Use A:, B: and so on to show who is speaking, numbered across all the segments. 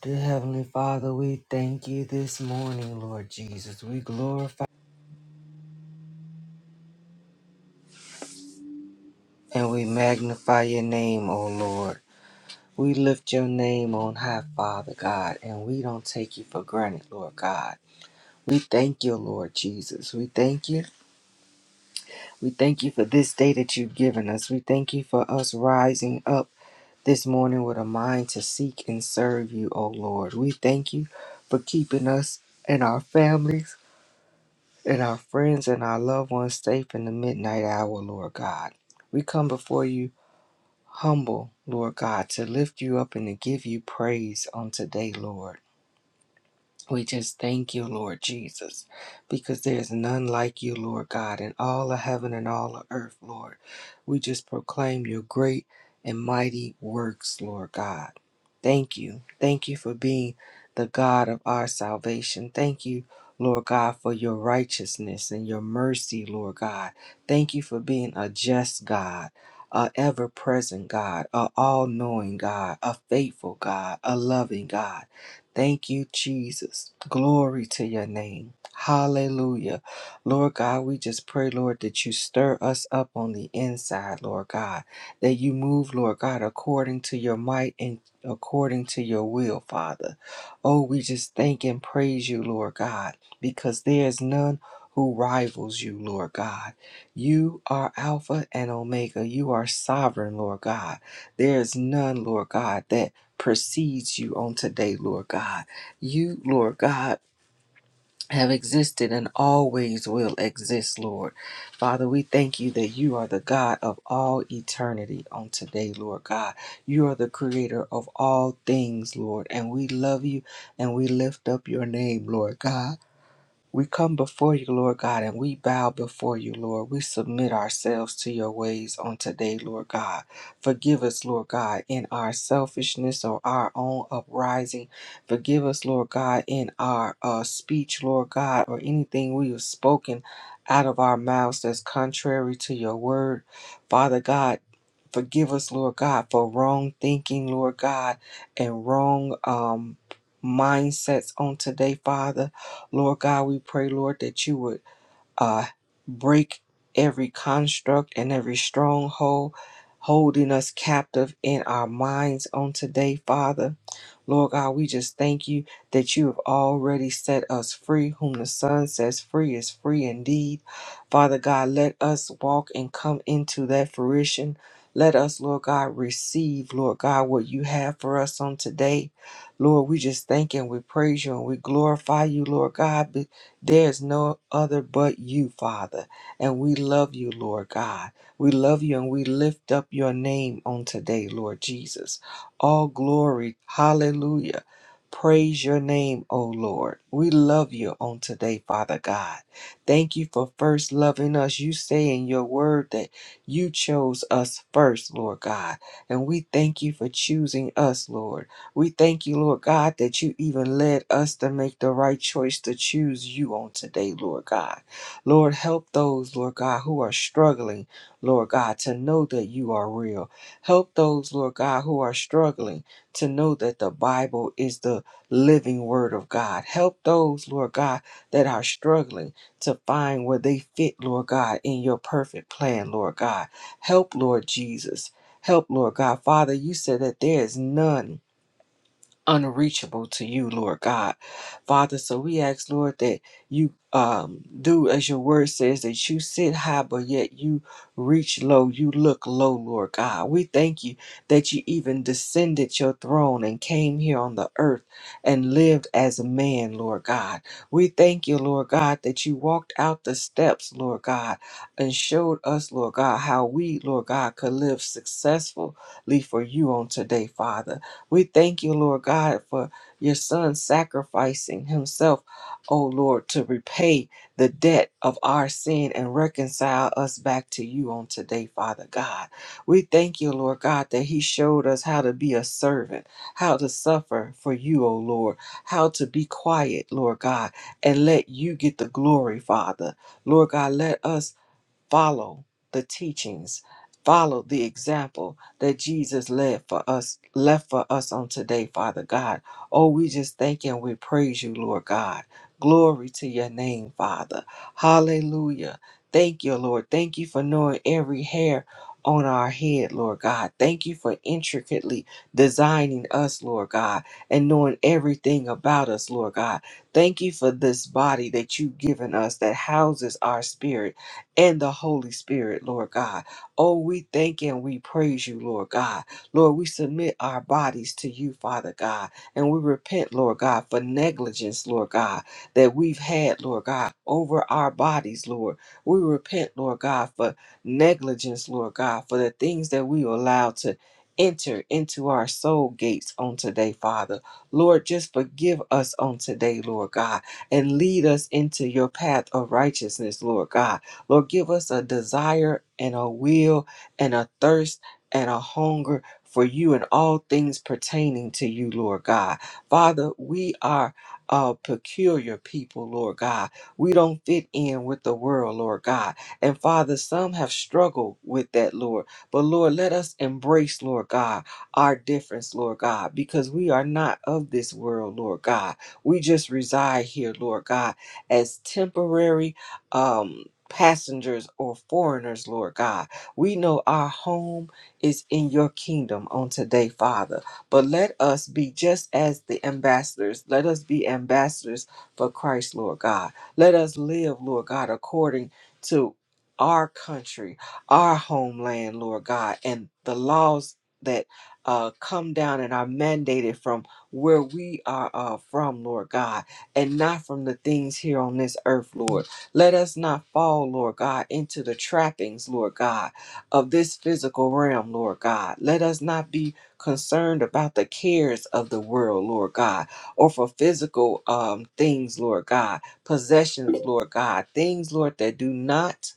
A: Dear Heavenly Father, we thank you this morning, Lord Jesus. We glorify and we magnify your name, O Lord. We lift your name on high, Father God, and we don't take you for granted, Lord God. We thank you, Lord Jesus. We thank you. We thank you for this day that you've given us. We thank you for us rising up this morning with a mind to seek and serve you, O Lord. We thank you for keeping us and our families and our friends and our loved ones safe in the midnight hour, Lord God. We come before you humble, Lord God, to lift you up and to give you praise on today, Lord. We just thank you, Lord Jesus, because there's none like you, Lord God, in all of heaven and all of earth, Lord. We just proclaim your great and mighty works, Lord God. Thank you. Thank you for being the God of our salvation. Thank you, Lord God, for your righteousness and your mercy, Lord God. Thank you for being a just God. A ever present God, a all knowing God, a faithful God, a loving God. Thank you, Jesus. Glory to your name. Hallelujah. Lord God, we just pray, Lord, that you stir us up on the inside, Lord God, that you move, Lord God, according to your might and according to your will, Father. Oh, we just thank and praise you, Lord God, because there is none who rivals you, Lord God. You are Alpha and Omega. You are sovereign, Lord God. There is none, Lord God, that precedes you on today, Lord God. You, Lord God, have existed and always will exist, Lord. Father, we thank you that you are the God of all eternity on today, Lord God. You are the creator of all things, Lord, and we love you and we lift up your name, Lord God. We come before you, Lord God, and we bow before you, Lord. We submit ourselves to your ways on today, Lord God. Forgive us, Lord God, in our selfishness or our own uprising. Forgive us, Lord God, in our uh, speech, Lord God, or anything we have spoken out of our mouths that's contrary to your word. Father God, forgive us, Lord God, for wrong thinking, Lord God, and wrong um, mindsets on today, Father. Lord God, we pray, Lord, that you would uh, break every construct and every stronghold holding us captive in our minds on today, Father. Lord God, we just thank you that you have already set us free. Whom the Son says free is free indeed. Father God, let us walk and come into that fruition. Let us, Lord God, receive, Lord God, what you have for us on today. Lord, we just thank and we praise you and we glorify you, Lord God. But there is no other but you, Father. And we love you, Lord God. We love you and we lift up your name on today, Lord Jesus all glory. Hallelujah. Praise your name, O Lord. We love you on today, Father God. Thank you for first loving us. You say in your word that you chose us first, Lord God. And we thank you for choosing us, Lord. We thank you, Lord God, that you even led us to make the right choice to choose you on today, Lord God. Lord, help those, Lord God, who are struggling, Lord God, to know that you are real. Help those, Lord God, who are struggling to know that the Bible is the living word of God. Help those, Lord God, that are struggling to find where they fit, Lord God, in your perfect plan, Lord God. Help, Lord Jesus. Help, Lord God. Father, you said that there is none unreachable to you, Lord God. Father, so we ask, Lord, that you um, do as your word says, that you sit high, but yet you reach low, you look low, Lord God. We thank you that you even descended your throne and came here on the earth and lived as a man, Lord God. We thank you, Lord God, that you walked out the steps, Lord God, and showed us, Lord God, how we, Lord God, could live successfully for you on today, Father. We thank you, Lord God, for your son sacrificing himself, oh Lord, to repay the debt of our sin and reconcile us back to you on today, Father God. We thank you, Lord God, that he showed us how to be a servant, how to suffer for you, oh Lord, how to be quiet, Lord God, and let you get the glory, Father. Lord God, let us follow the teachings follow the example that jesus led for us left for us on today father god oh we just thank you and we praise you lord god glory to your name father hallelujah thank you lord thank you for knowing every hair on our head, Lord God. Thank you for intricately designing us, Lord God, and knowing everything about us, Lord God. Thank you for this body that you've given us that houses our spirit and the Holy Spirit, Lord God. Oh, we thank and we praise you, Lord God. Lord, we submit our bodies to you, Father God, and we repent, Lord God, for negligence, Lord God, that we've had, Lord God, over our bodies, Lord. We repent, Lord God, for negligence, Lord God, for the things that we allow to enter into our soul gates on today, Father. Lord, just forgive us on today, Lord God, and lead us into your path of righteousness, Lord God Lord, give us a desire and a will and a thirst and a hunger for you and all things pertaining to you, Lord God. Father, we are a peculiar people, Lord God. We don't fit in with the world, Lord God. And Father, some have struggled with that, Lord. But Lord, let us embrace, Lord God, our difference, Lord God, because we are not of this world, Lord God. We just reside here, Lord God, as temporary. Um, passengers or foreigners, Lord God. We know our home is in your kingdom on today, Father. But let us be just as the ambassadors. Let us be ambassadors for Christ, Lord God. Let us live, Lord God, according to our country, our homeland, Lord God, and the laws that uh, come down and are mandated from where we are uh, from, Lord God, and not from the things here on this earth, Lord. Let us not fall, Lord God, into the trappings, Lord God, of this physical realm, Lord God. Let us not be concerned about the cares of the world, Lord God, or for physical um, things, Lord God, possessions, Lord God, things, Lord, that do not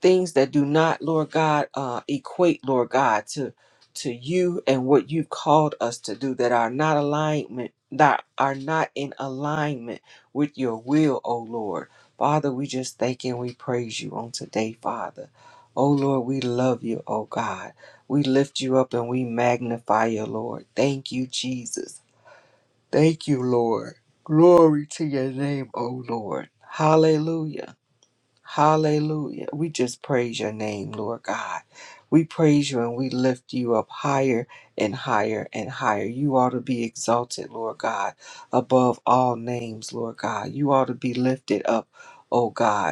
A: things that do not, Lord God, uh, equate, Lord God, to to you and what you've called us to do that are not alignment that are not in alignment with your will, O Lord. Father, we just thank and we praise you on today, Father. O Lord, we love you, O God. We lift you up and we magnify you, Lord. Thank you, Jesus. Thank you, Lord. Glory to your name, O Lord. Hallelujah. Hallelujah. We just praise your name, Lord God. We praise you and we lift you up higher and higher and higher. You ought to be exalted, Lord God, above all names, Lord God. You ought to be lifted up, oh God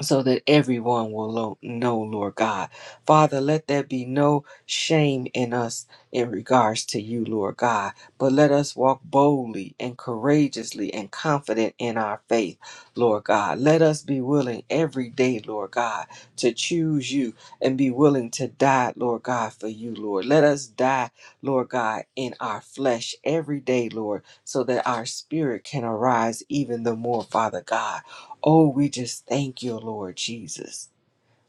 A: so that everyone will lo- know, Lord God. Father, let there be no shame in us in regards to you, Lord God, but let us walk boldly and courageously and confident in our faith, Lord God. Let us be willing every day, Lord God, to choose you and be willing to die, Lord God, for you, Lord. Let us die, Lord God, in our flesh every day, Lord, so that our spirit can arise even the more, Father God. Oh, we just thank you, Lord Jesus.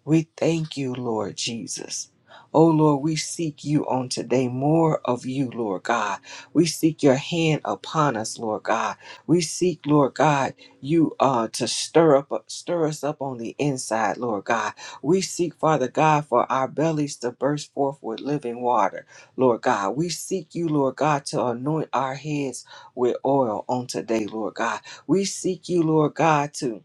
A: We thank you, Lord Jesus. Oh, Lord, we seek you on today more of you, Lord God. We seek your hand upon us, Lord God. We seek, Lord God, you uh, to stir up, stir us up on the inside, Lord God. We seek, Father God, for our bellies to burst forth with living water, Lord God. We seek you, Lord God, to anoint our heads with oil on today, Lord God. We seek you, Lord God, to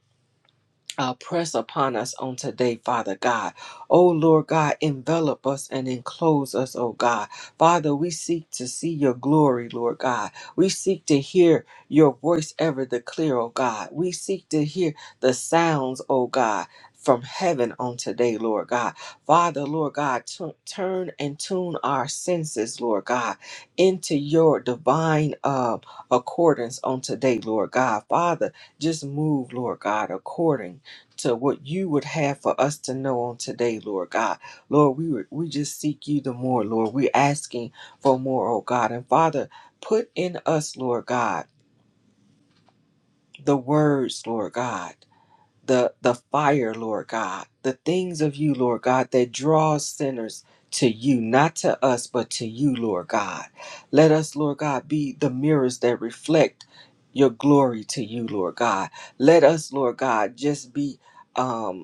A: uh, press upon us on today, Father God. Oh Lord God, envelop us and enclose us, oh God. Father, we seek to see your glory, Lord God. We seek to hear your voice ever the clear, oh God. We seek to hear the sounds, oh God. From heaven on today, Lord God. Father, Lord God, tu- turn and tune our senses, Lord God, into your divine uh, accordance on today, Lord God. Father, just move, Lord God, according to what you would have for us to know on today, Lord God. Lord, we would- we just seek you the more, Lord. We're asking for more, oh God. And Father, put in us, Lord God, the words, Lord God, the the fire, Lord God, the things of you, Lord God, that draws sinners to you, not to us, but to you, Lord God. Let us, Lord God, be the mirrors that reflect your glory to you, Lord God. Let us, Lord God, just be um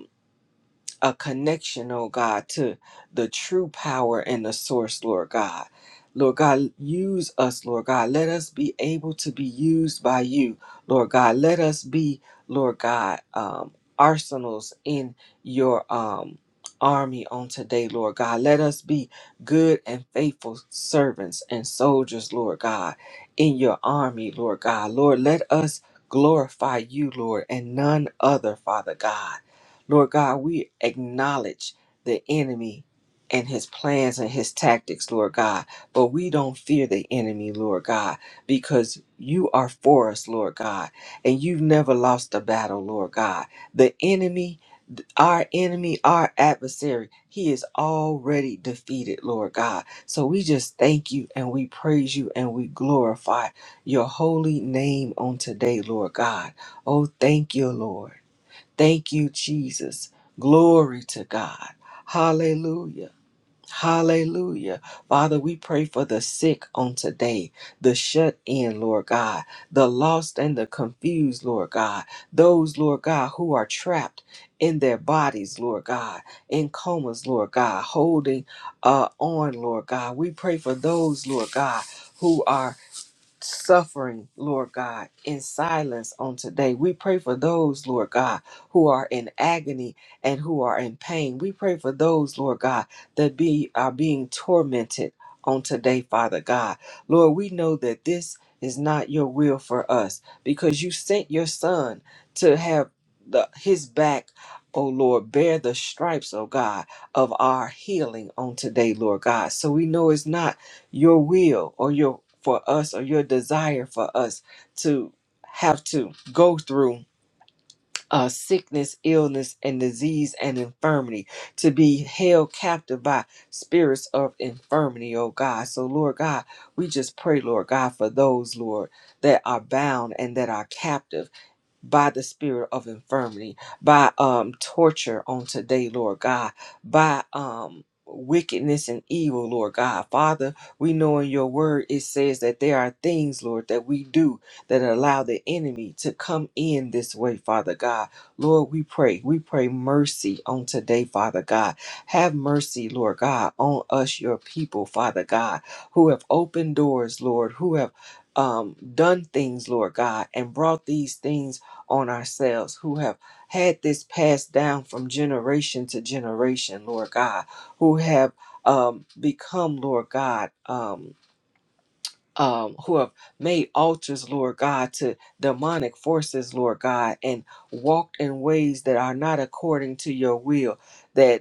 A: a connection, oh God, to the true power and the source, Lord God. Lord God, use us, Lord God. Let us be able to be used by you, Lord God. Let us be, Lord God, um, arsenals in your um, army on today, Lord God. Let us be good and faithful servants and soldiers, Lord God, in your army, Lord God. Lord, let us glorify you, Lord, and none other, Father God. Lord God, we acknowledge the enemy and his plans and his tactics, Lord God, but we don't fear the enemy, Lord God, because you are for us, Lord God, and you've never lost a battle, Lord God. The enemy, our enemy, our adversary, he is already defeated, Lord God. So we just thank you and we praise you and we glorify your holy name on today, Lord God. Oh, thank you, Lord. Thank you, Jesus. Glory to God. Hallelujah. Hallelujah. Father, we pray for the sick on today, the shut in, Lord God, the lost and the confused, Lord God, those, Lord God, who are trapped in their bodies, Lord God, in comas, Lord God, holding uh, on, Lord God. We pray for those, Lord God, who are suffering, Lord God, in silence on today. We pray for those, Lord God, who are in agony and who are in pain. We pray for those, Lord God, that be are being tormented on today, Father God. Lord, we know that this is not your will for us because you sent your son to have the, his back, oh Lord, bear the stripes, oh God, of our healing on today, Lord God. So we know it's not your will or your for us or your desire for us to have to go through uh, sickness, illness, and disease and infirmity, to be held captive by spirits of infirmity, oh God. So, Lord God, we just pray, Lord God, for those, Lord, that are bound and that are captive by the spirit of infirmity, by um torture on today, Lord God, by um wickedness and evil, Lord God. Father, we know in your word it says that there are things, Lord, that we do that allow the enemy to come in this way, Father God. Lord, we pray. We pray mercy on today, Father God. Have mercy, Lord God, on us, your people, Father God, who have opened doors, Lord, who have um, done things, Lord God, and brought these things on ourselves who have had this passed down from generation to generation, Lord God, who have um, become, Lord God, um, um, who have made altars, Lord God, to demonic forces, Lord God, and walked in ways that are not according to your will. that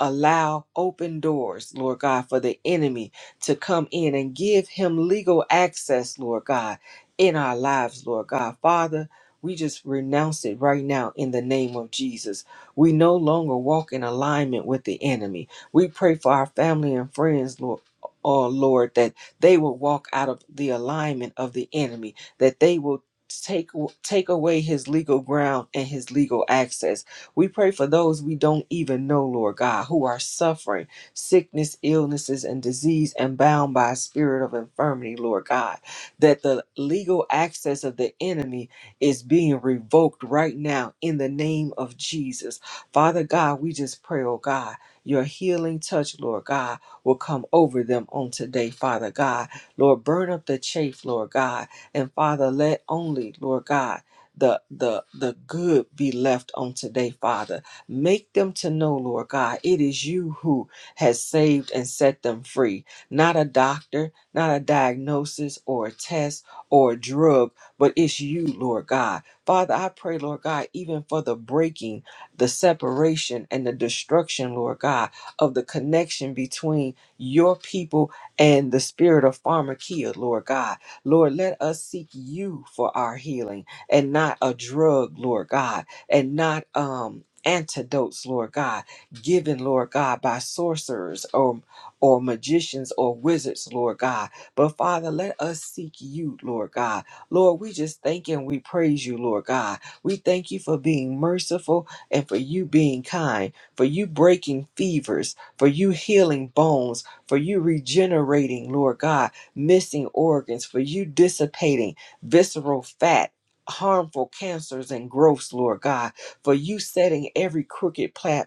A: allow open doors, Lord God, for the enemy to come in and give him legal access, Lord God, in our lives, Lord God. Father, we just renounce it right now in the name of Jesus. We no longer walk in alignment with the enemy. We pray for our family and friends, Lord. Oh Lord, that they will walk out of the alignment of the enemy, that they will take take away his legal ground and his legal access we pray for those we don't even know, Lord God, who are suffering sickness, illnesses, and disease and bound by a spirit of infirmity, Lord God, that the legal access of the enemy is being revoked right now in the name of Jesus. Father God, we just pray, oh God, your healing touch, Lord God, will come over them on today, Father God. Lord, burn up the chaff, Lord God. And Father, let only, Lord God, the the the good be left on today, Father. Make them to know, Lord God, it is you who has saved and set them free. Not a doctor, not a diagnosis or a test or a drug, but it's you, Lord God. Father, I pray, Lord God, even for the breaking, the separation, and the destruction, Lord God, of the connection between your people and the spirit of pharmakia, Lord God. Lord, let us seek you for our healing and not a drug, Lord God, and not um antidotes, Lord God, given, Lord God, by sorcerers or or magicians or wizards, Lord God. But Father, let us seek you, Lord God. Lord, we just thank and we praise you, Lord God. We thank you for being merciful and for you being kind, for you breaking fevers, for you healing bones, for you regenerating, Lord God, missing organs, for you dissipating visceral fat harmful cancers and growths, Lord God, for you setting every crooked path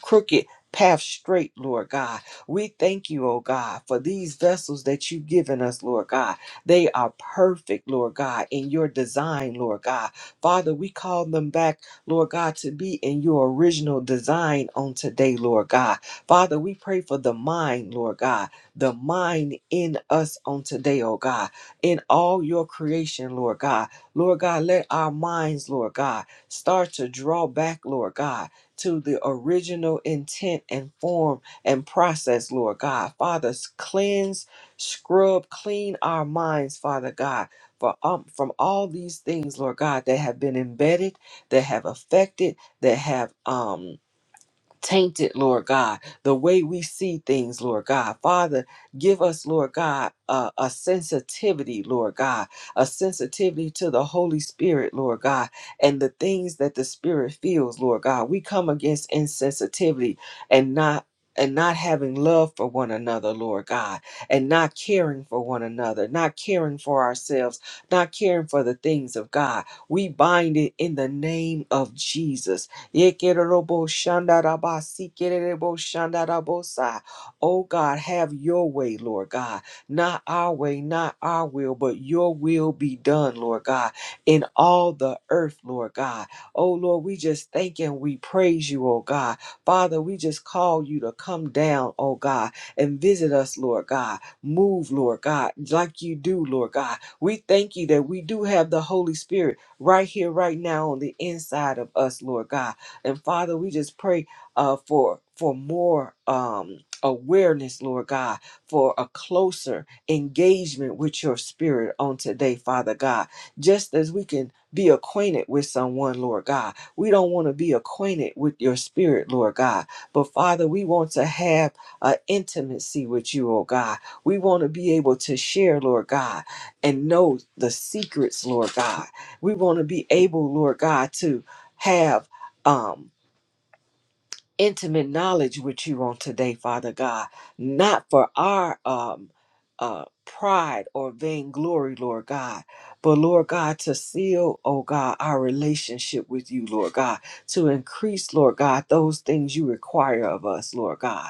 A: crooked path straight, Lord God. We thank you, oh God, for these vessels that you've given us, Lord God. They are perfect, Lord God, in your design, Lord God. Father, we call them back, Lord God, to be in your original design on today, Lord God. Father, we pray for the mind, Lord God, the mind in us on today, oh God, in all your creation, Lord God. Lord God, let our minds, Lord God, start to draw back, Lord God to the original intent and form and process, Lord God. Father, cleanse, scrub, clean our minds, Father God, for, um, from all these things, Lord God, that have been embedded, that have affected, that have. Um, tainted, Lord God, the way we see things, Lord God. Father, give us, Lord God, a, a sensitivity, Lord God, a sensitivity to the Holy Spirit, Lord God, and the things that the Spirit feels, Lord God. We come against insensitivity and not. And not having love for one another, Lord God, and not caring for one another, not caring for ourselves, not caring for the things of God. We bind it in the name of Jesus. Yekerebo shandaraba, sikerebo shandarabosa. Oh God, have your way, Lord God. Not our way, not our will, but your will be done, Lord God, in all the earth, Lord God. Oh Lord, we just thank and we praise you, oh God. Father, we just call you to come down, oh God, and visit us, Lord God. Move, Lord God, like you do, Lord God. We thank you that we do have the Holy Spirit right here, right now on the inside of us, Lord God and Father, we just pray uh, for for more um, awareness, Lord God, for a closer engagement with your spirit on today, Father God. Just as we can be acquainted with someone, Lord God, we don't want to be acquainted with your spirit, Lord God. But Father, we want to have an intimacy with you, oh God. We want to be able to share, Lord God, and know the secrets, Lord God. We want to be able, Lord God, to have um intimate knowledge with you on today father god not for our um uh pride or vainglory lord god but lord god to seal oh god our relationship with you lord god to increase lord god those things you require of us lord god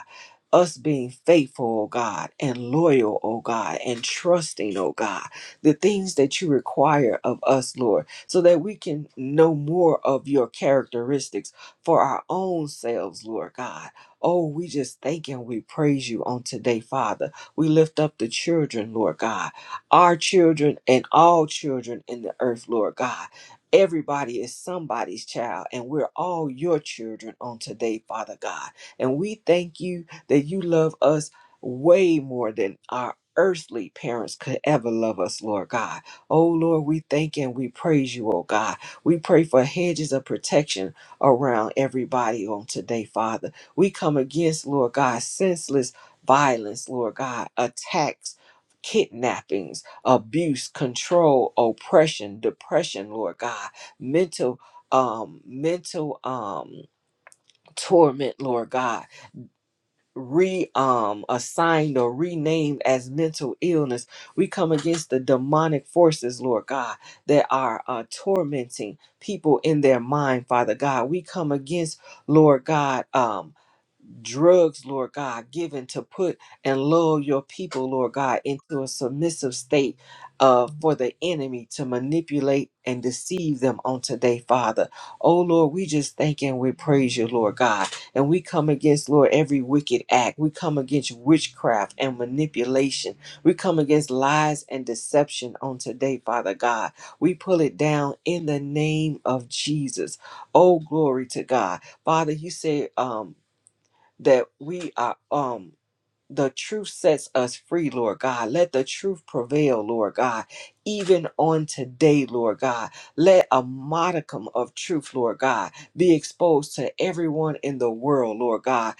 A: us being faithful, oh God, and loyal, oh God, and trusting, oh God, the things that you require of us, Lord, so that we can know more of your characteristics for our own selves, Lord God. Oh, we just thank and we praise you on today, Father. We lift up the children, Lord God, our children and all children in the earth, Lord God. Everybody is somebody's child, and we're all your children on today, Father God. And we thank you that you love us way more than our earthly parents could ever love us, Lord God. Oh, Lord, we thank and we praise you, oh God. We pray for hedges of protection around everybody on today, Father. We come against, Lord God, senseless violence, Lord God, attacks. Kidnappings, abuse, control, oppression, depression, Lord God, mental, um, mental, um, torment, Lord God, re um assigned or renamed as mental illness we come against the demonic forces lord god that are uh, tormenting people in their mind father god we come against lord god um drugs, Lord God, given to put and lull your people, Lord God, into a submissive state uh, for the enemy to manipulate and deceive them on today, Father. Oh, Lord, we just thank and we praise you, Lord God. And we come against, Lord, every wicked act. We come against witchcraft and manipulation. We come against lies and deception on today, Father God. We pull it down in the name of Jesus. Oh, glory to God. Father, you said, um, that we are um the truth sets us free, Lord God. Let the truth prevail, Lord God, even on today, Lord God. Let a modicum of truth, Lord God, be exposed to everyone in the world, Lord God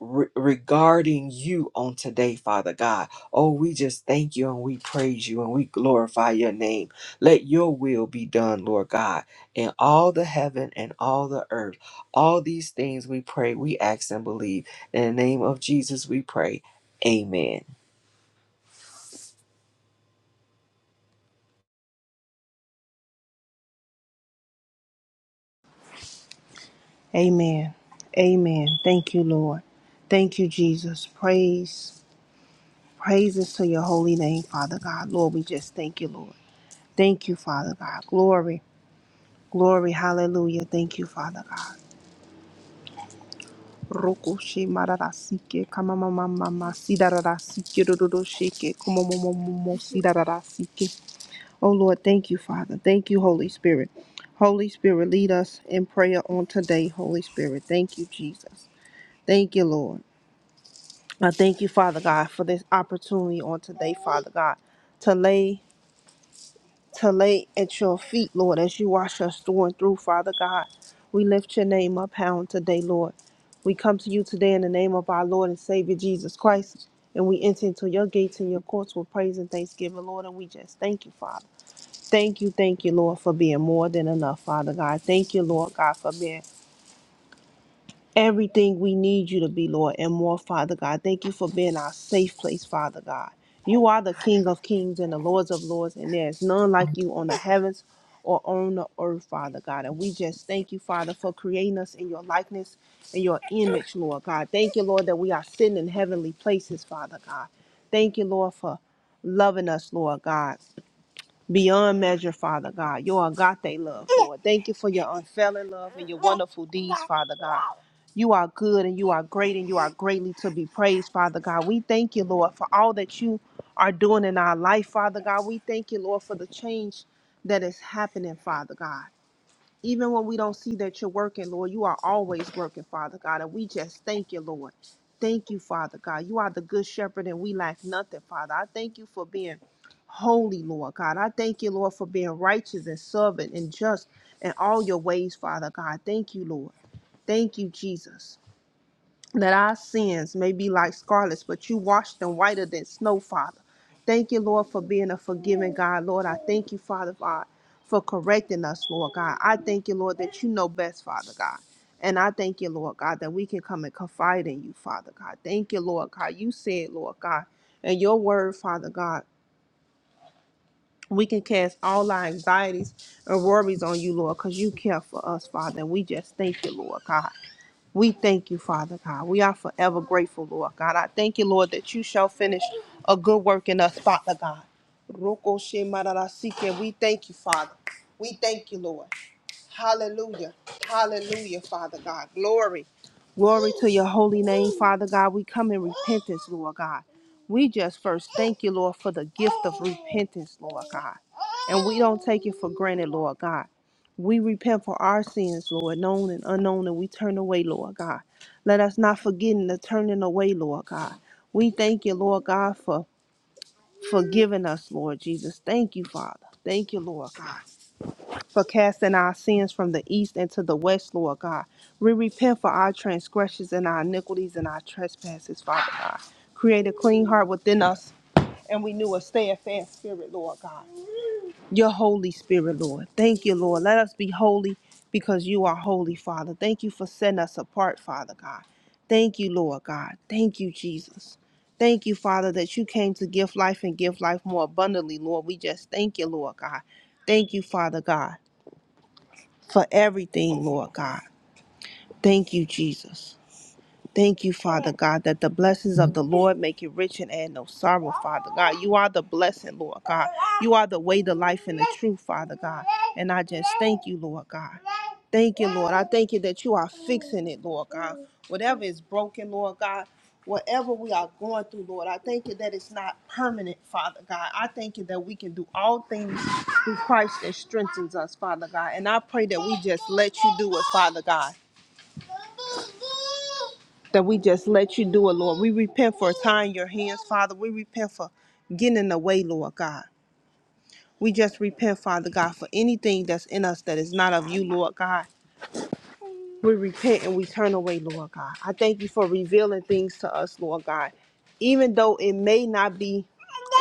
A: re- regarding you on today, Father God. Oh, we just thank you and we praise you and we glorify your name. Let your will be done, Lord God, in all the heaven and all the earth. All these things we pray, we ask and believe. In the name of Jesus, we pray. Amen.
B: Amen. Amen. Thank you, Lord. Thank you, Jesus. Praise. Praises to your holy name, Father God. Lord, we just thank you, Lord. Thank you, Father God. Glory. Glory. Hallelujah. Thank you, Father God. Roku she mararasike kamamamamama sidararasike dododoshike kumomomomomo sidararasike. Oh Lord, thank you, Father. Thank you, Holy Spirit. Holy Spirit, lead us in prayer on today, Holy Spirit. Thank you, Jesus. Thank you, Lord. I thank you, Father God, for this opportunity on today, Father God, to lay to lay at your feet, Lord, as you wash us through and through, Father God. We lift your name up high on today, Lord. We come to you today in the name of our Lord and Savior Jesus Christ, and we enter into your gates and your courts with praise and thanksgiving, Lord. And we just thank you, Father. Thank you, thank you, Lord, for being more than enough, Father God. Thank you, Lord God, for being everything we need you to be, Lord, and more, Father God. Thank you for being our safe place, Father God. You are the King of kings and the Lords of lords, and there is none like you on the heavens or on the earth, Father God. And we just thank you, Father, for creating us in your likeness and your image, Lord God. Thank you, Lord, that we are sitting in heavenly places, Father God. Thank you, Lord, for loving us, Lord God beyond measure, Father God. Your agape love, Lord. Thank you for your unfailing love and your wonderful deeds, Father God. You are good and you are great and you are greatly to be praised, Father God. We thank you, Lord, for all that you are doing in our life, Father God. We thank you, Lord, for the change that is happening, Father God. Even when we don't see that you're working, Lord, you are always working, Father God. And we just thank you, Lord. Thank you, Father God. You are the good shepherd and we lack nothing, Father. I thank you for being holy, Lord God. I thank you, Lord, for being righteous and servant and just in all your ways, Father God. Thank you, Lord. Thank you, Jesus that our sins may be like scarlet, but you washed them whiter than snow, Father. Thank you, Lord, for being a forgiving God. Lord, I thank you, Father God, for correcting us, Lord God. I thank you, Lord, that you know best, Father God. And I thank you, Lord God, that we can come and confide in you, Father God. Thank you, Lord God. You said, Lord God, and your word, Father God, we can cast all our anxieties and worries on you, Lord, because you care for us, Father. And we just thank you, Lord God. We thank you, Father God. We are forever grateful, Lord God. I thank you, Lord, that you shall finish a good work in us, Father God. Roko she mararasike. We thank you, Father. We thank you, Lord. Hallelujah. Hallelujah, Father God. Glory. Glory to your holy name, Father God. We come in repentance, Lord God. We just first thank you, Lord, for the gift of repentance, Lord God. And we don't take it for granted, Lord God. We repent for our sins, Lord, known and unknown, and we turn away, Lord God. Let us not forgetting the turning away, Lord God. We thank you, Lord God, for forgiving us, Lord Jesus. Thank you, Father. Thank you, Lord God for casting our sins from the east and to the west, Lord God. We repent for our transgressions and our iniquities and our trespasses, Father God. Create a clean heart within us and we knew a steadfast spirit, Lord God. Your Holy Spirit, Lord. Thank you, Lord. Let us be holy because you are holy, Father. Thank you for setting us apart, Father God. Thank you, Lord God. Thank you, Jesus. Thank you, Father, that you came to give life and give life more abundantly, Lord. We just thank you, Lord God. Thank you, Father God for everything, Lord God. Thank you, Jesus. Thank you, Father God, that the blessings of the Lord make you rich and add no sorrow, Father God. You are the blessing, Lord God. You are the way, the life, and the truth, Father God. And I just thank you, Lord God. Thank you, Lord. I thank you that you are fixing it, Lord God. Whatever is broken, Lord God, whatever we are going through, Lord, I thank you that it's not permanent, Father God. I thank you that we can do all things through Christ that strengthens us, Father God. And I pray that we just let you do it, Father God that we just let you do it, Lord. We repent for tying your hands, Father. We repent for getting in the way, Lord God. We just repent, Father God, for anything that's in us that is not of you, Lord God. We repent and we turn away, Lord God. I thank you for revealing things to us, Lord God. Even though it may not be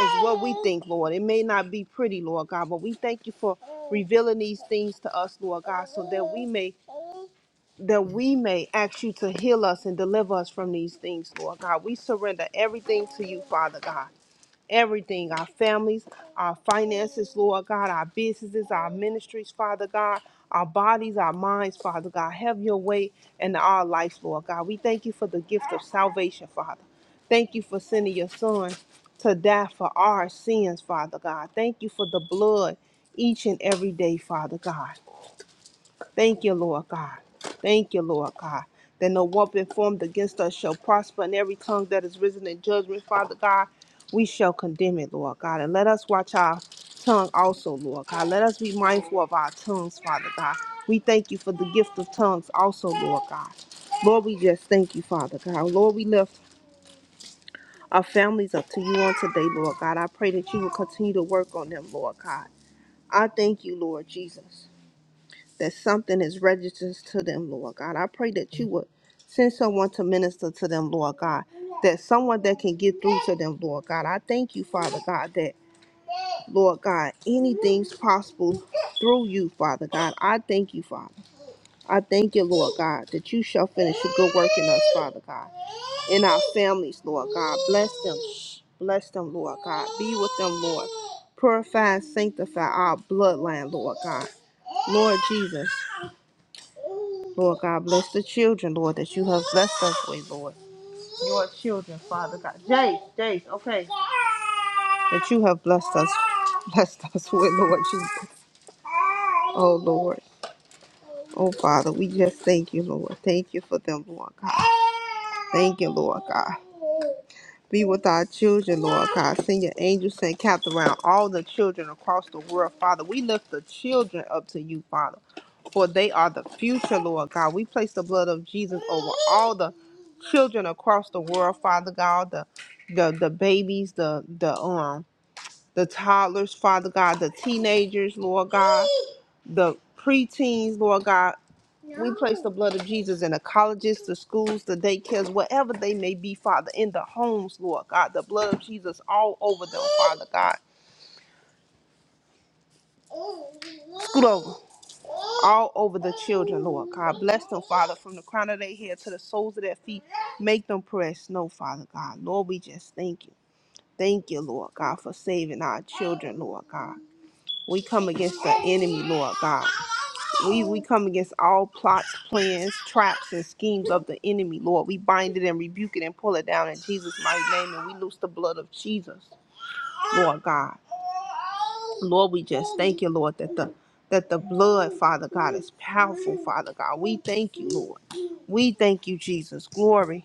B: as what we think, Lord. It may not be pretty, Lord God, but we thank you for revealing these things to us, Lord God, so that we may that we may ask you to heal us and deliver us from these things, Lord God. We surrender everything to you, Father God everything our families, our finances, Lord God, our businesses, our ministries, Father God, our bodies, our minds, Father God. Have your way in our life, Lord God. We thank you for the gift of salvation, Father. Thank you for sending your son to die for our sins, Father God. Thank you for the blood each and every day, Father God. Thank you, Lord God. Thank you, Lord God. That no weapon formed against us shall prosper, and every tongue that is risen in judgment, Father God, we shall condemn it, Lord God. And let us watch our tongue also, Lord God. Let us be mindful of our tongues, Father God. We thank you for the gift of tongues also, Lord God. Lord, we just thank you, Father God. Lord, we lift our families up to you on today, Lord God. I pray that you will continue to work on them, Lord God. I thank you, Lord Jesus that something is registered to them, Lord God. I pray that you would send someone to minister to them, Lord God, that someone that can get through to them, Lord God. I thank you, Father God, that, Lord God, anything's possible through you, Father God. I thank you, Father. I thank you, Lord God, that you shall finish your good work in us, Father God, in our families, Lord God. Bless them. Bless them, Lord God. Be with them, Lord. Purify and sanctify our bloodline, Lord God. Lord Jesus. Lord God, bless the children, Lord, that you have blessed us with, Lord. Your children, Father God. Jace, Jace, okay. That you have blessed us, blessed us with, Lord Jesus. Oh, Lord. Oh, Father, we just thank you, Lord. Thank you for them, Lord God. Thank you, Lord God. Be with our children, Lord God. Send your angels and capped around all the children across the world, Father. We lift the children up to you, Father, for they are the future, Lord God. We place the blood of Jesus over all the children across the world, Father God, the the, the babies, the the um the toddlers, Father God, the teenagers, Lord God, the preteens, Lord God. We place the blood of Jesus in the colleges, the schools, the daycares, wherever they may be, Father, in the homes, Lord God. The blood of Jesus all over them, Father God. Scoot over. All over the children, Lord God. Bless them, Father, from the crown of their head to the soles of their feet. Make them press. No, Father God. Lord, we just thank you. Thank you, Lord God, for saving our children, Lord God. We come against the enemy, Lord God. We, we come against all plots, plans, traps, and schemes of the enemy, Lord. We bind it and rebuke it and pull it down in Jesus' mighty name, and we loose the blood of Jesus, Lord God. Lord, we just thank you, Lord, that the that the blood, Father God, is powerful, Father God. We thank you, Lord. We thank you, Jesus. Glory.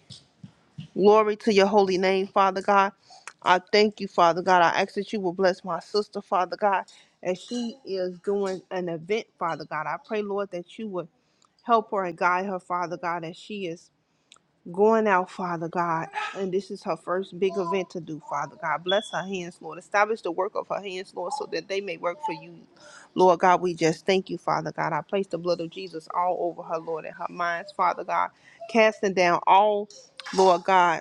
B: Glory to your holy name, Father God. I thank you, Father God. I ask that you will bless my sister, Father God, as she is doing an event, Father God. I pray, Lord, that you would help her and guide her, Father God, as she is going out, Father God. And this is her first big event to do, Father God. Bless her hands, Lord. Establish the work of her hands, Lord, so that they may work for you. Lord God, we just thank you, Father God. I place the blood of Jesus all over her, Lord, and her minds, Father God, casting down all, Lord God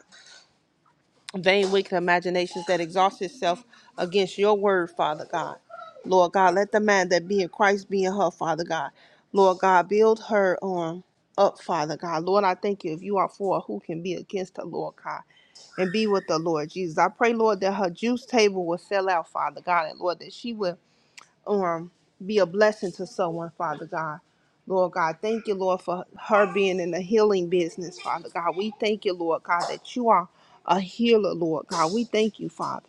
B: vain, wicked imaginations that exhaust itself against your word, Father God. Lord God, let the man that be in Christ be in her, Father God. Lord God, build her on up, Father God. Lord, I thank you if you are for her, who can be against her, Lord God, and be with the Lord Jesus. I pray, Lord, that her juice table will sell out, Father God, and Lord, that she will um, be a blessing to someone, Father God. Lord God, thank you, Lord, for her being in the healing business, Father God. We thank you, Lord God, that you are a healer, Lord God. We thank you, Father.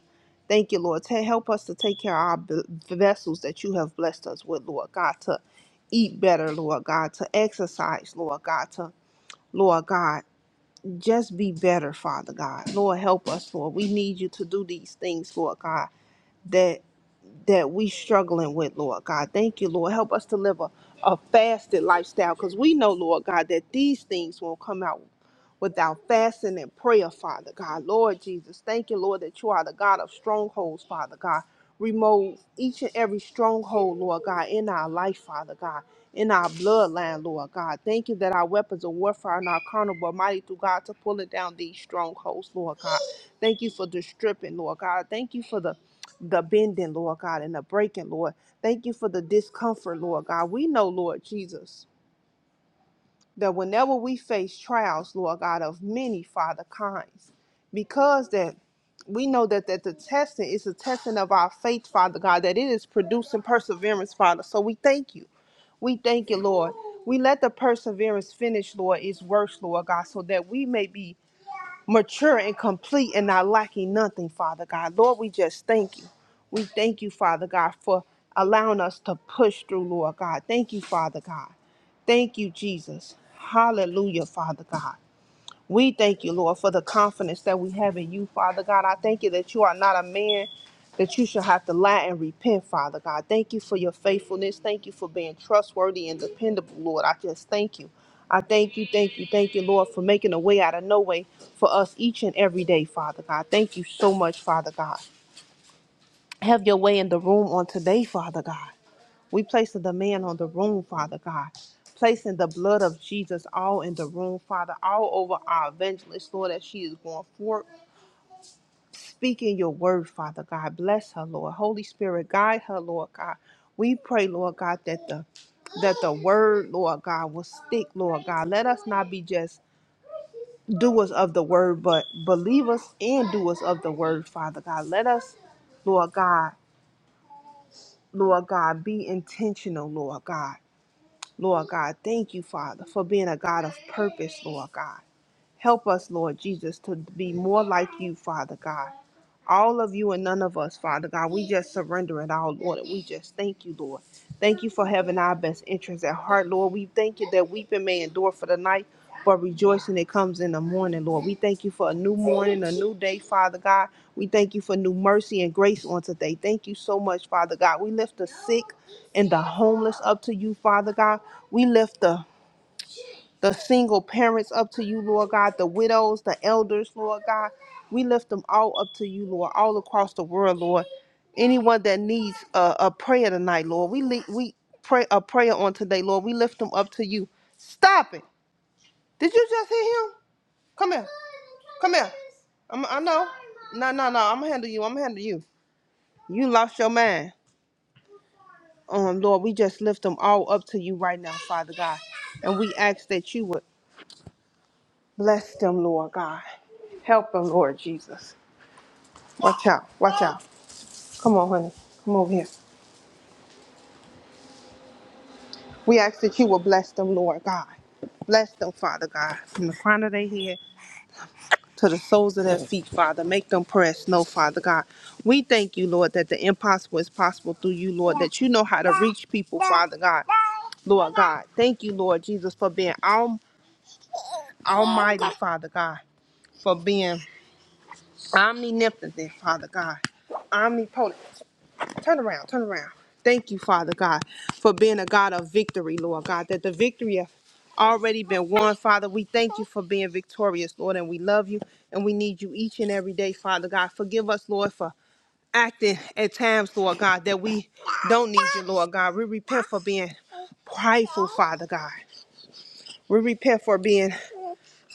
B: Thank you, Lord. Ta- help us to take care of our b- vessels that you have blessed us with, Lord God, to eat better, Lord God, to exercise, Lord God, to, Lord God, just be better, Father God. Lord, help us, Lord. We need you to do these things, Lord God that that we struggling with, Lord God. Thank you, Lord. Help us to live a, a fasted lifestyle because we know, Lord God, that these things won't come out without fasting and prayer, Father God. Lord Jesus, thank you, Lord, that you are the God of strongholds, Father God. Remove each and every stronghold, Lord God, in our life, Father God, in our bloodline, Lord God. Thank you that our weapons of warfare are not carnal, but mighty through God to pulling down these strongholds, Lord God. Thank you for the stripping, Lord God. Thank you for the the bending, Lord God, and the breaking, Lord. Thank you for the discomfort, Lord God. We know, Lord Jesus, that whenever we face trials, Lord God, of many, Father, kinds, because that we know that, that the testing is a testing of our faith, Father God, that it is producing perseverance, Father. So we thank you. We thank you, Lord. We let the perseverance finish, Lord, its works, Lord God, so that we may be mature and complete and not lacking nothing, Father God. Lord, we just thank you. We thank you, Father God, for allowing us to push through, Lord God. Thank you, Father God. Thank you, Jesus. Hallelujah, Father God. We thank you, Lord, for the confidence that we have in you, Father God. I thank you that you are not a man that you shall have to lie and repent, Father God. Thank you for your faithfulness. Thank you for being trustworthy and dependable, Lord. I just thank you. I thank you, thank you, thank you, Lord, for making a way out of no way for us each and every day, Father God. Thank you so much, Father God. Have your way in the room on today, Father God. We place a demand on the room, Father God. Placing the blood of Jesus all in the room, Father, all over our evangelist, Lord, as she is going forth, speaking your word, Father God. Bless her, Lord. Holy Spirit, guide her, Lord God. We pray, Lord God, that the that the word, Lord God, will stick, Lord God. Let us not be just doers of the word, but believers and doers of the word, Father God. Let us, Lord God, Lord God, be intentional, Lord God. Lord God, thank you, Father, for being a God of purpose, Lord God. Help us, Lord Jesus, to be more like you, Father God all of you and none of us, Father God. We just surrender it all, Lord. and We just thank you, Lord. Thank you for having our best interests at heart, Lord. We thank you that weeping may endure for the night, but rejoicing it comes in the morning, Lord. We thank you for a new morning, a new day, Father God. We thank you for new mercy and grace on today. Thank you so much, Father God. We lift the sick and the homeless up to you, Father God. We lift the the single parents up to you, Lord God, the widows, the elders, Lord God. We lift them all up to you, Lord, all across the world, Lord. Anyone that needs a, a prayer tonight, Lord, we li- we pray a prayer on today, Lord. We lift them up to you. Stop it! Did you just hear him? Come here, come here. I'm, I know. No, no, no. I'm gonna handle you. I'm gonna handle you. You lost your mind. Um, Lord, we just lift them all up to you right now, Father God, and we ask that you would Bless them, Lord God. Help them, Lord Jesus. Watch out. Watch out. Come on, honey. Come over here. We ask that you will bless them, Lord God. Bless them, Father God, from the crown of their head to the soles of their feet, Father. Make them press, no, Father God. We thank you, Lord, that the impossible is possible through you, Lord, that you know how to reach people, Father God. Lord God, thank you, Lord Jesus, for being al- almighty, Father God, for being omnipotent, Father God, omnipotent. Turn around, turn around. Thank you, Father God, for being a God of victory, Lord God, that the victory has already been won, Father. We thank you for being victorious, Lord, and we love you and we need you each and every day, Father God. Forgive us, Lord, for acting at times, Lord God, that we don't need you, Lord God. We repent for being prideful, Father God. We repent for being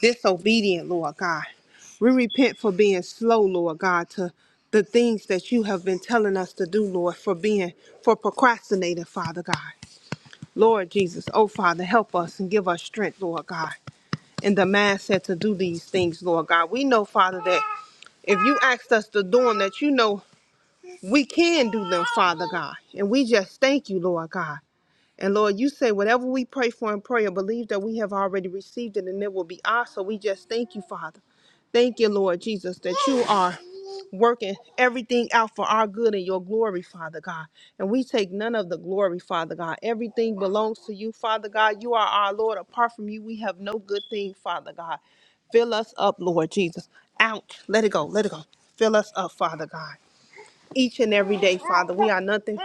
B: disobedient, Lord God. We repent for being slow, Lord God, to the things that you have been telling us to do, Lord, for being, for procrastinating, Father God. Lord Jesus, oh Father, help us and give us strength, Lord God, and the mindset to do these things, Lord God. We know, Father, that if you asked us to do them, that you know we can do them, Father God. And we just thank you, Lord God. And Lord, you say whatever we pray for in prayer, believe that we have already received it and it will be ours. So we just thank you, Father. Thank you, Lord Jesus, that you are working everything out for our good and your glory, Father God. And we take none of the glory, Father God. Everything belongs to you, Father God. You are our Lord. Apart from you, we have no good thing, Father God. Fill us up, Lord Jesus. Out. Let it go. Let it go. Fill us up, Father God each and every day, Father. We are nothing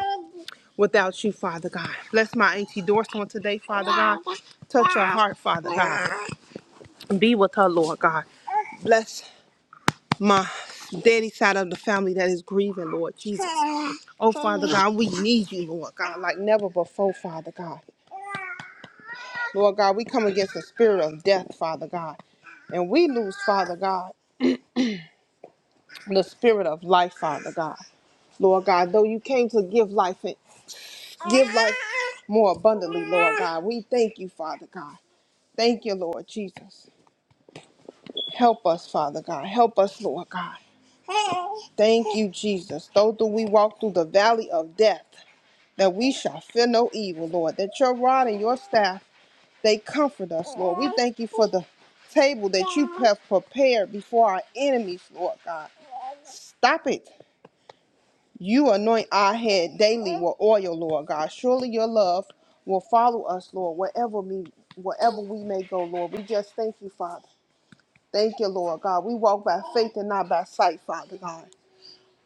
B: without you, Father God. Bless my Auntie Doris on today, Father God. Touch her heart, Father God. Be with her, Lord God. Bless my daddy side of the family that is grieving, Lord Jesus. Oh, Father God, we need you, Lord God, like never before, Father God. Lord God, we come against the spirit of death, Father God. And we lose, Father God, the spirit of life, Father God. Lord God, though you came to give life and Give life more abundantly, Lord God. We thank you, Father God. Thank you, Lord Jesus. Help us, Father God. Help us, Lord God. Thank you, Jesus. Though do we walk through the valley of death, that we shall fear no evil, Lord. That your rod and your staff, they comfort us, Lord. We thank you for the table that you have prepared before our enemies, Lord God. Stop it. You anoint our head daily with oil, Lord God. Surely your love will follow us, Lord, wherever we wherever we may go, Lord. We just thank you, Father. Thank you, Lord God. We walk by faith and not by sight, Father God.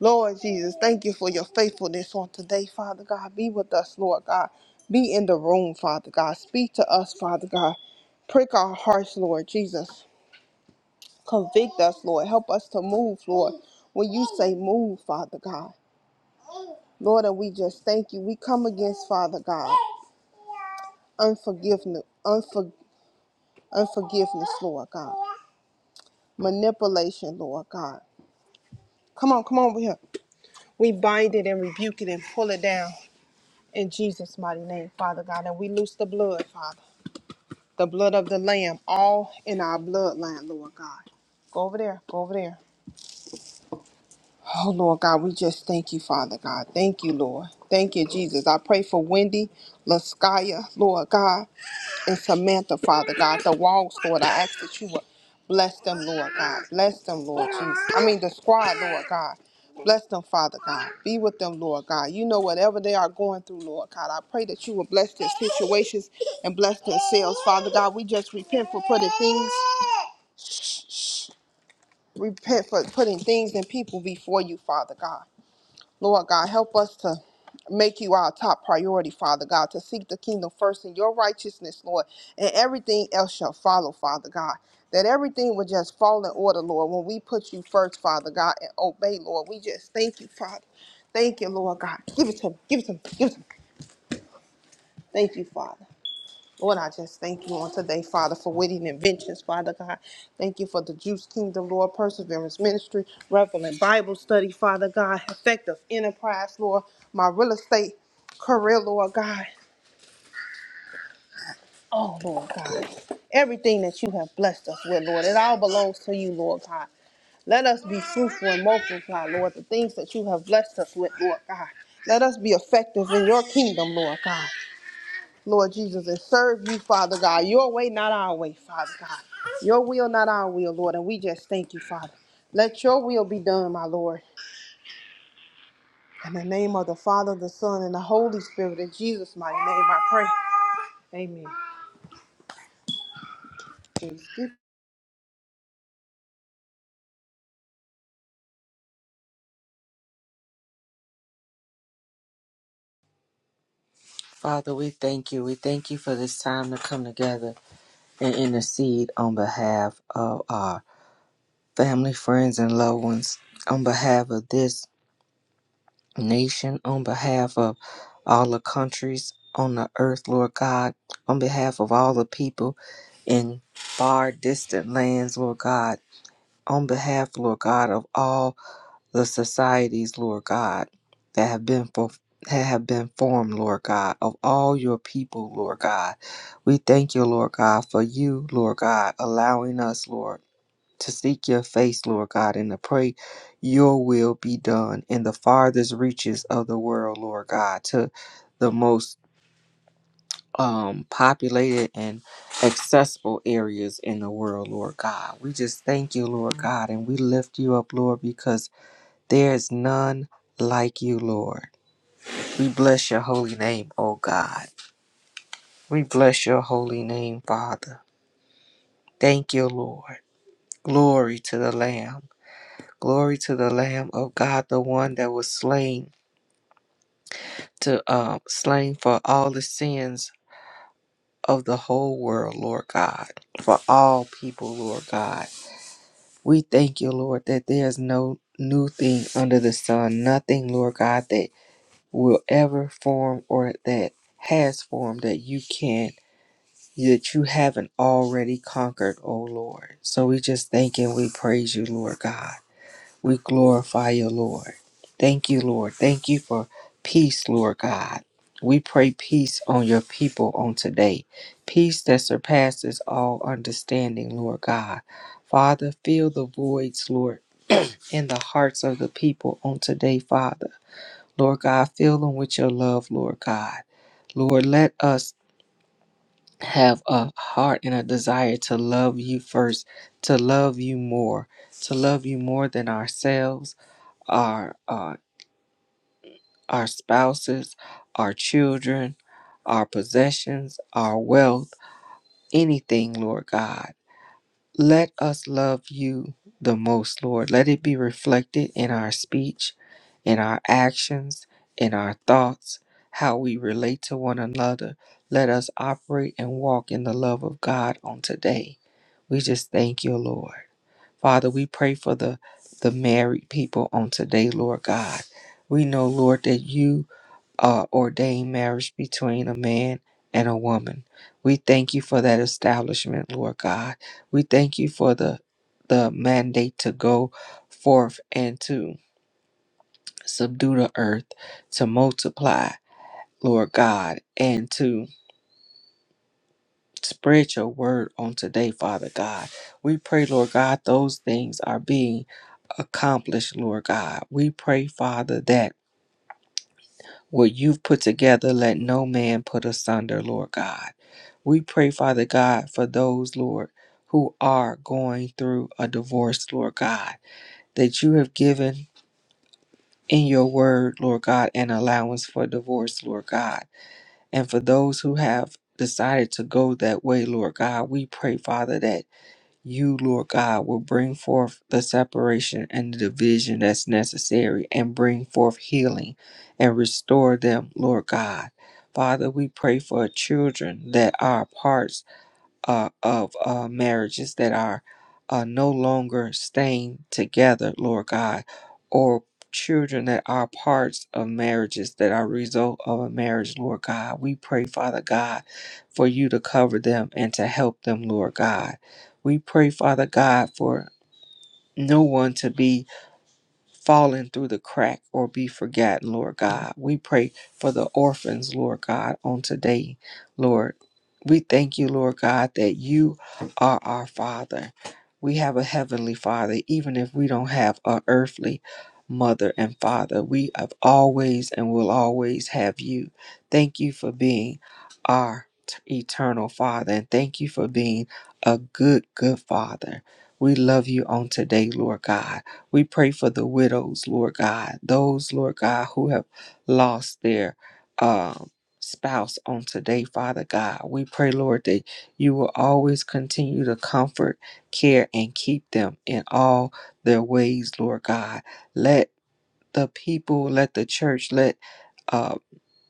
B: Lord Jesus, thank you for your faithfulness on today, Father God. Be with us, Lord God. Be in the room, Father God. Speak to us, Father God. Prick our hearts, Lord Jesus. Convict us, Lord. Help us to move, Lord. When you say move, Father God. Lord, and we just thank you. We come against, Father God, unforgiveness, unfor- unforgiveness, Lord God, manipulation, Lord God. Come on, come on over here. We bind it and rebuke it and pull it down in Jesus' mighty name, Father God. And we loose the blood, Father, the blood of the Lamb, all in our bloodline, Lord God. Go over there, go over there. Oh, Lord God, we just thank you, Father God. Thank you, Lord. Thank you, Jesus. I pray for Wendy, Laskaya, Lord God, and Samantha, Father God. The walls, Lord, I ask that you would bless them, Lord God. Bless them, Lord Jesus. I mean, the squad, Lord God. Bless them, Father God. Be with them, Lord God. You know whatever they are going through, Lord God. I pray that you will bless their situations and bless themselves, Father God. We just repent for putting things repent for putting things and people before you, Father God. Lord God, help us to make you our top priority, Father God, to seek the kingdom first in your righteousness, Lord, and everything else shall follow, Father God. That everything will just fall in order, Lord, when we put you first, Father God, and obey, Lord. We just thank you, Father. Thank you, Lord God. Give it to him. Give it to him. Give it to him. Thank you, Father. Lord, I just thank you on today, Father, for witty inventions, Father God. Thank you for the Juice Kingdom, Lord, Perseverance Ministry, Reverend Bible Study, Father God, Effective Enterprise, Lord, my real estate career, Lord God. Oh, Lord God. Everything that you have blessed us with, Lord, it all belongs to you, Lord God. Let us be fruitful and multiply, Lord, the things that you have blessed us with, Lord God. Let us be effective in your kingdom, Lord God. Lord Jesus, and serve you, Father God. Your way, not our way, Father God. Your will, not our will, Lord. And we just thank you, Father. Let your will be done, my Lord. In the name of the Father, the Son, and the Holy Spirit, in Jesus' mighty name, I pray. Amen.
A: Father, we thank you. We thank you for this time to come together and intercede on behalf of our family, friends, and loved ones. On behalf of this nation, on behalf of all the countries on the earth, Lord God, on behalf of all the people in far distant lands, Lord God, on behalf, Lord God, of all the societies, Lord God, that have been for that have been formed, Lord God, of all your people, Lord God. We thank you, Lord God, for you, Lord God, allowing us, Lord to seek your face, Lord God, and to pray your will be done in the farthest reaches of the world, Lord God, to the most um, populated and accessible areas in the world, Lord God. We just thank you, Lord God, and we lift you up, Lord, because there is none like you, Lord. We bless your holy name, O God. We bless your holy name, Father. Thank you, Lord. Glory to the Lamb. Glory to the Lamb of God, the one that was slain to um, slain for all the sins of the whole world, Lord God, for all people, Lord God. We thank you, Lord, that there's no new thing under the sun, nothing, Lord God, that will ever form or that has formed that you can not that you haven't already conquered, oh Lord. So we just thank and we praise you, Lord God. We glorify you, Lord. Thank you, Lord. Thank you for peace, Lord God. We pray peace on your people on today. Peace that surpasses all understanding, Lord God. Father, fill the voids, Lord, in the hearts of the people on today, Father. Lord God, fill them with your love, Lord God. Lord, let us have a heart and a desire to love you first, to love you more, to love you more than ourselves, our uh, our spouses, our children, our possessions, our wealth, anything, Lord God. Let us love you the most, Lord. Let it be reflected in our speech, in our actions, in our thoughts, how we relate to one another. Let us operate and walk in the love of God on today. We just thank you, Lord. Father, we pray for the, the married people on today, Lord God. We know, Lord, that you uh, ordained marriage between a man and a woman. We thank you for that establishment, Lord God. We thank you for the the mandate to go forth and to subdue the earth, to multiply, Lord God, and to spread your word on today, Father God. We pray, Lord God, those things are being accomplished, Lord God. We pray, Father, that what you've put together, let no man put asunder, Lord God. We pray, Father God, for those, Lord, who are going through a divorce, Lord God, that you have given in your word, Lord God, an allowance for divorce, Lord God. And for those who have decided to go that way, Lord God, we pray, Father, that you, Lord God, will bring forth the separation and the division that's necessary and bring forth healing and restore them, Lord God. Father, we pray for children that are apart uh, of uh, marriages that are uh, no longer staying together, Lord God, or children that are parts of marriages that are a result of a marriage, Lord God. We pray, Father God, for you to cover them and to help them, Lord God. We pray, Father God, for no one to be fallen through the crack or be forgotten, Lord God. We pray for the orphans, Lord God, on today, Lord. We thank you, Lord God, that you are our Father. We have a heavenly Father, even if we don't have an earthly mother and father. We have always and will always have you. Thank you for being our t- eternal Father, and thank you for being a good, good Father. We love you on today, Lord God. We pray for the widows, Lord God, those, Lord God, who have lost their um, spouse on today, Father God. We pray, Lord, that you will always continue to comfort, care, and keep them in all their ways, Lord God. Let the people, let the church, let uh,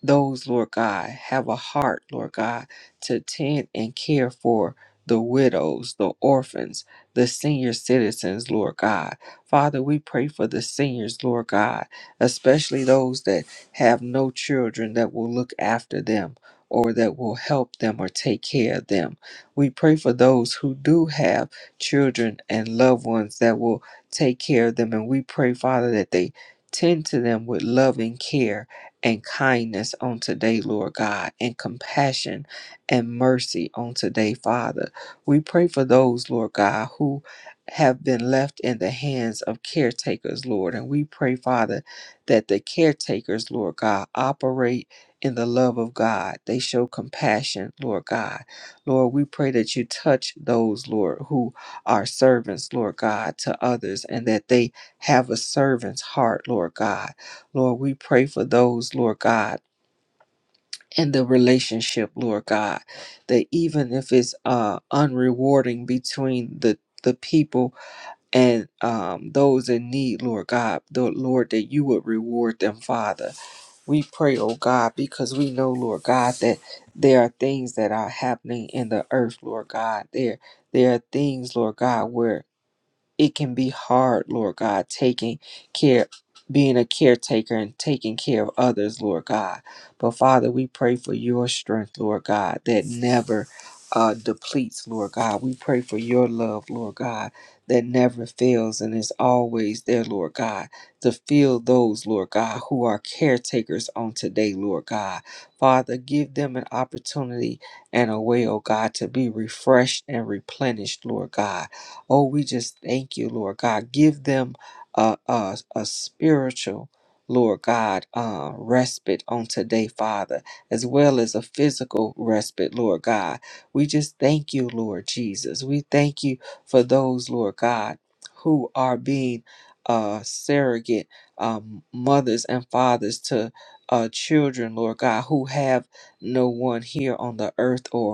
A: those, Lord God, have a heart, Lord God, to tend and care for the widows, the orphans, the senior citizens, Lord God. Father, we pray for the seniors, Lord God, especially those that have no children that will look after them or that will help them or take care of them. We pray for those who do have children and loved ones that will take care of them. And we pray, Father, that they tend to them with loving care and kindness on today, Lord God, and compassion and mercy on today, Father. We pray for those, Lord God, who have been left in the hands of caretakers, Lord. And we pray, Father, that the caretakers, Lord God, operate in the love of God. They show compassion, Lord God. Lord, we pray that you touch those, Lord, who are servants, Lord God, to others, and that they have a servant's heart, Lord God Lord, we pray for those, Lord God, in the relationship, Lord God, that even if it's uh, unrewarding between the the people and um, those in need, Lord God, the Lord, that you would reward them, Father. We pray, oh God, because we know, Lord God, that there are things that are happening in the earth, Lord God. There, there are things, Lord God, where it can be hard, Lord God, taking care, being a caretaker and taking care of others, Lord God. But Father, we pray for your strength, Lord God, that never uh, depletes, Lord God. We pray for your love, Lord God, that never fails and is always there, Lord God, to fill those, Lord God, who are caretakers on today, Lord God. Father, give them an opportunity and a way, oh God, to be refreshed and replenished, Lord God. Oh, we just thank you, Lord God. Give them a, a, a spiritual, Lord God, uh, respite on today, Father, as well as a physical respite, Lord God. We just thank you, Lord Jesus. We thank you for those, Lord God, who are being uh, surrogate um, mothers and fathers to uh, children, Lord God, who have no one here on the earth or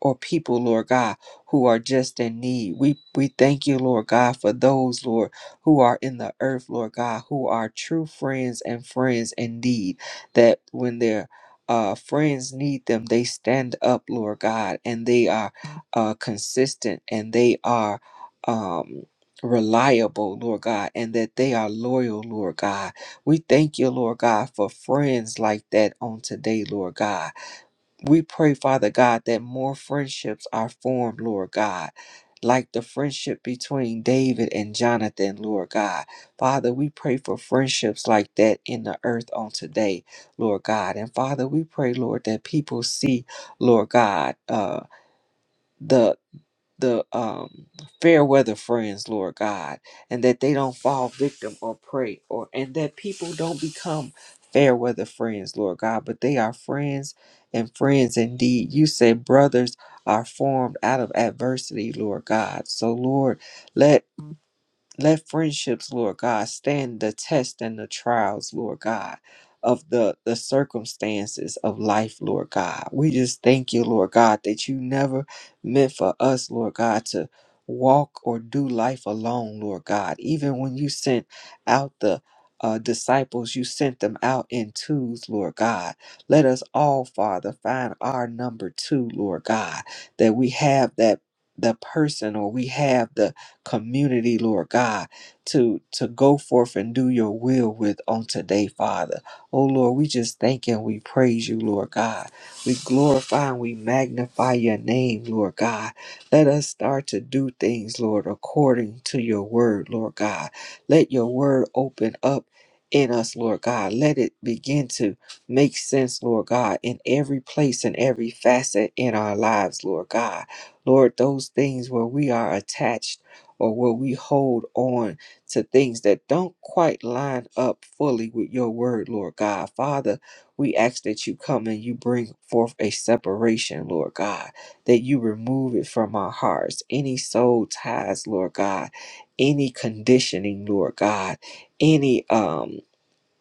A: or people, Lord God, who are just in need. We we thank you, Lord God, for those, Lord, who are in the earth, Lord God, who are true friends and friends indeed. That when their uh, friends need them, they stand up, Lord God, and they are uh, consistent and they are um, reliable, Lord God, and that they are loyal, Lord God. We thank you, Lord God, for friends like that on today, Lord God we pray, Father God, that more friendships are formed, Lord God, like the friendship between David and Jonathan, Lord God. Father, we pray for friendships like that in the earth on today, Lord God. And Father, we pray, Lord, that people see, Lord God, uh, the the um, fair weather friends, Lord God, and that they don't fall victim or prey, or and that people don't become fair weather friends, Lord God, but they are friends and friends indeed. You say brothers are formed out of adversity, Lord God. So, Lord, let. Let friendships, Lord God, stand the test and the trials, Lord God, of the, the circumstances of life, Lord God. We just thank you, Lord God, that you never meant for us, Lord God, to walk or do life alone, Lord God. Even when you sent out the uh, disciples, you sent them out in twos, Lord God. Let us all, Father, find our number two, Lord God, that that we we have have the the person or we have the community, Lord God, to, to go forth and do your will with on today, Father. Oh, Lord, we just thank and we praise you, Lord God. We glorify and we magnify your name, Lord God. Let us start to do things, Lord, according to your word, Lord God. Let your word open up in us, Lord God. Let it begin to make sense, Lord God, in every place and every facet in our lives, Lord God. Lord, those things where we are attached or where we hold on to things that don't quite line up fully with your word, Lord God. Father, we ask that you come and you bring forth a separation, Lord God, that you remove it from our hearts, any soul ties, Lord God, any conditioning, Lord God, any um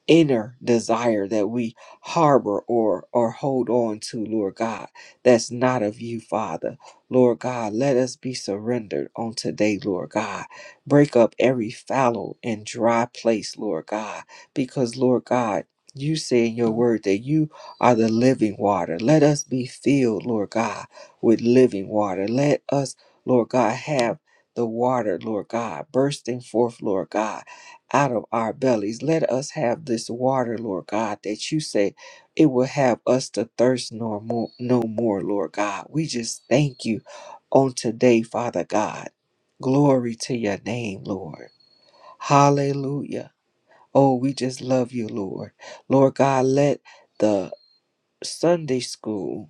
A: inner desire that we harbor or or hold on to lord god that's not of you father lord god let us be surrendered on today lord god break up every fallow and dry place lord god because lord god you say in your word that you are the living water. Let us be filled, Lord God, with living water. Let us, Lord God, have the water, Lord God, bursting forth, Lord God out of our bellies. Let us have this water, Lord God, that you say it will have us to thirst no more, no more, Lord God. We just thank you on today, Father God. Glory to your name, Lord. Hallelujah. Oh, we just love you, Lord. Lord God, let the Sunday school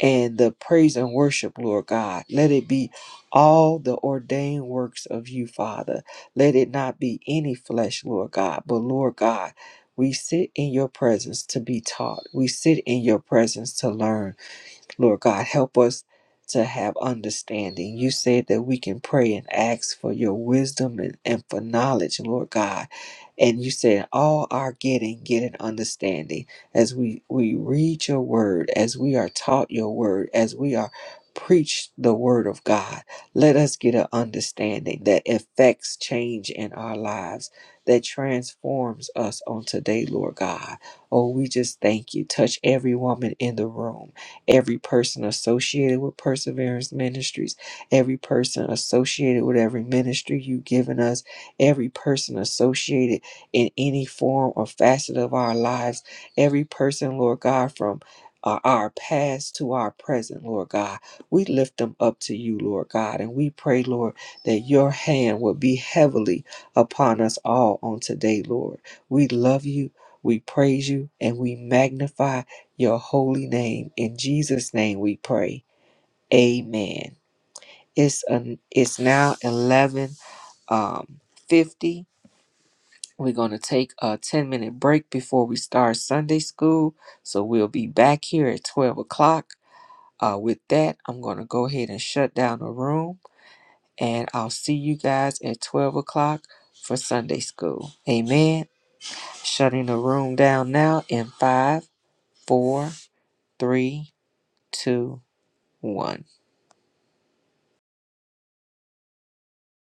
A: and the praise and worship, Lord God. Let it be all the ordained works of you, Father. Let it not be any flesh, Lord God, but Lord God, we sit in your presence to be taught. We sit in your presence to learn. Lord God, help us to have understanding. You said that we can pray and ask for your wisdom and, and for knowledge, Lord God. And you said, all our getting, get an understanding. As we, we read your word, as we are taught your word, as we are preached the word of God, let us get an understanding that affects change in our lives, that transforms us on today, Lord God. Oh, we just thank you. Touch every woman in the room every person associated with Perseverance Ministries, every person associated with every ministry you've given us, every person associated in any form or facet of our lives, every person, Lord God, from uh, our past to our present, Lord God. We lift them up to you, Lord God, and we pray, Lord, that your hand will be heavily upon us all on today, Lord. We love you, we praise you, and we magnify your holy name. In Jesus' name we pray. Amen. It's an, it's now eleven um fifty. We're gonna take a ten minute break before we start Sunday school. So we'll be back here at twelve o'clock. Uh, with that, I'm gonna go ahead and shut down the room, and I'll see you guys at twelve o'clock for Sunday school. Amen. Shutting the room down now in five, four, three, two, one.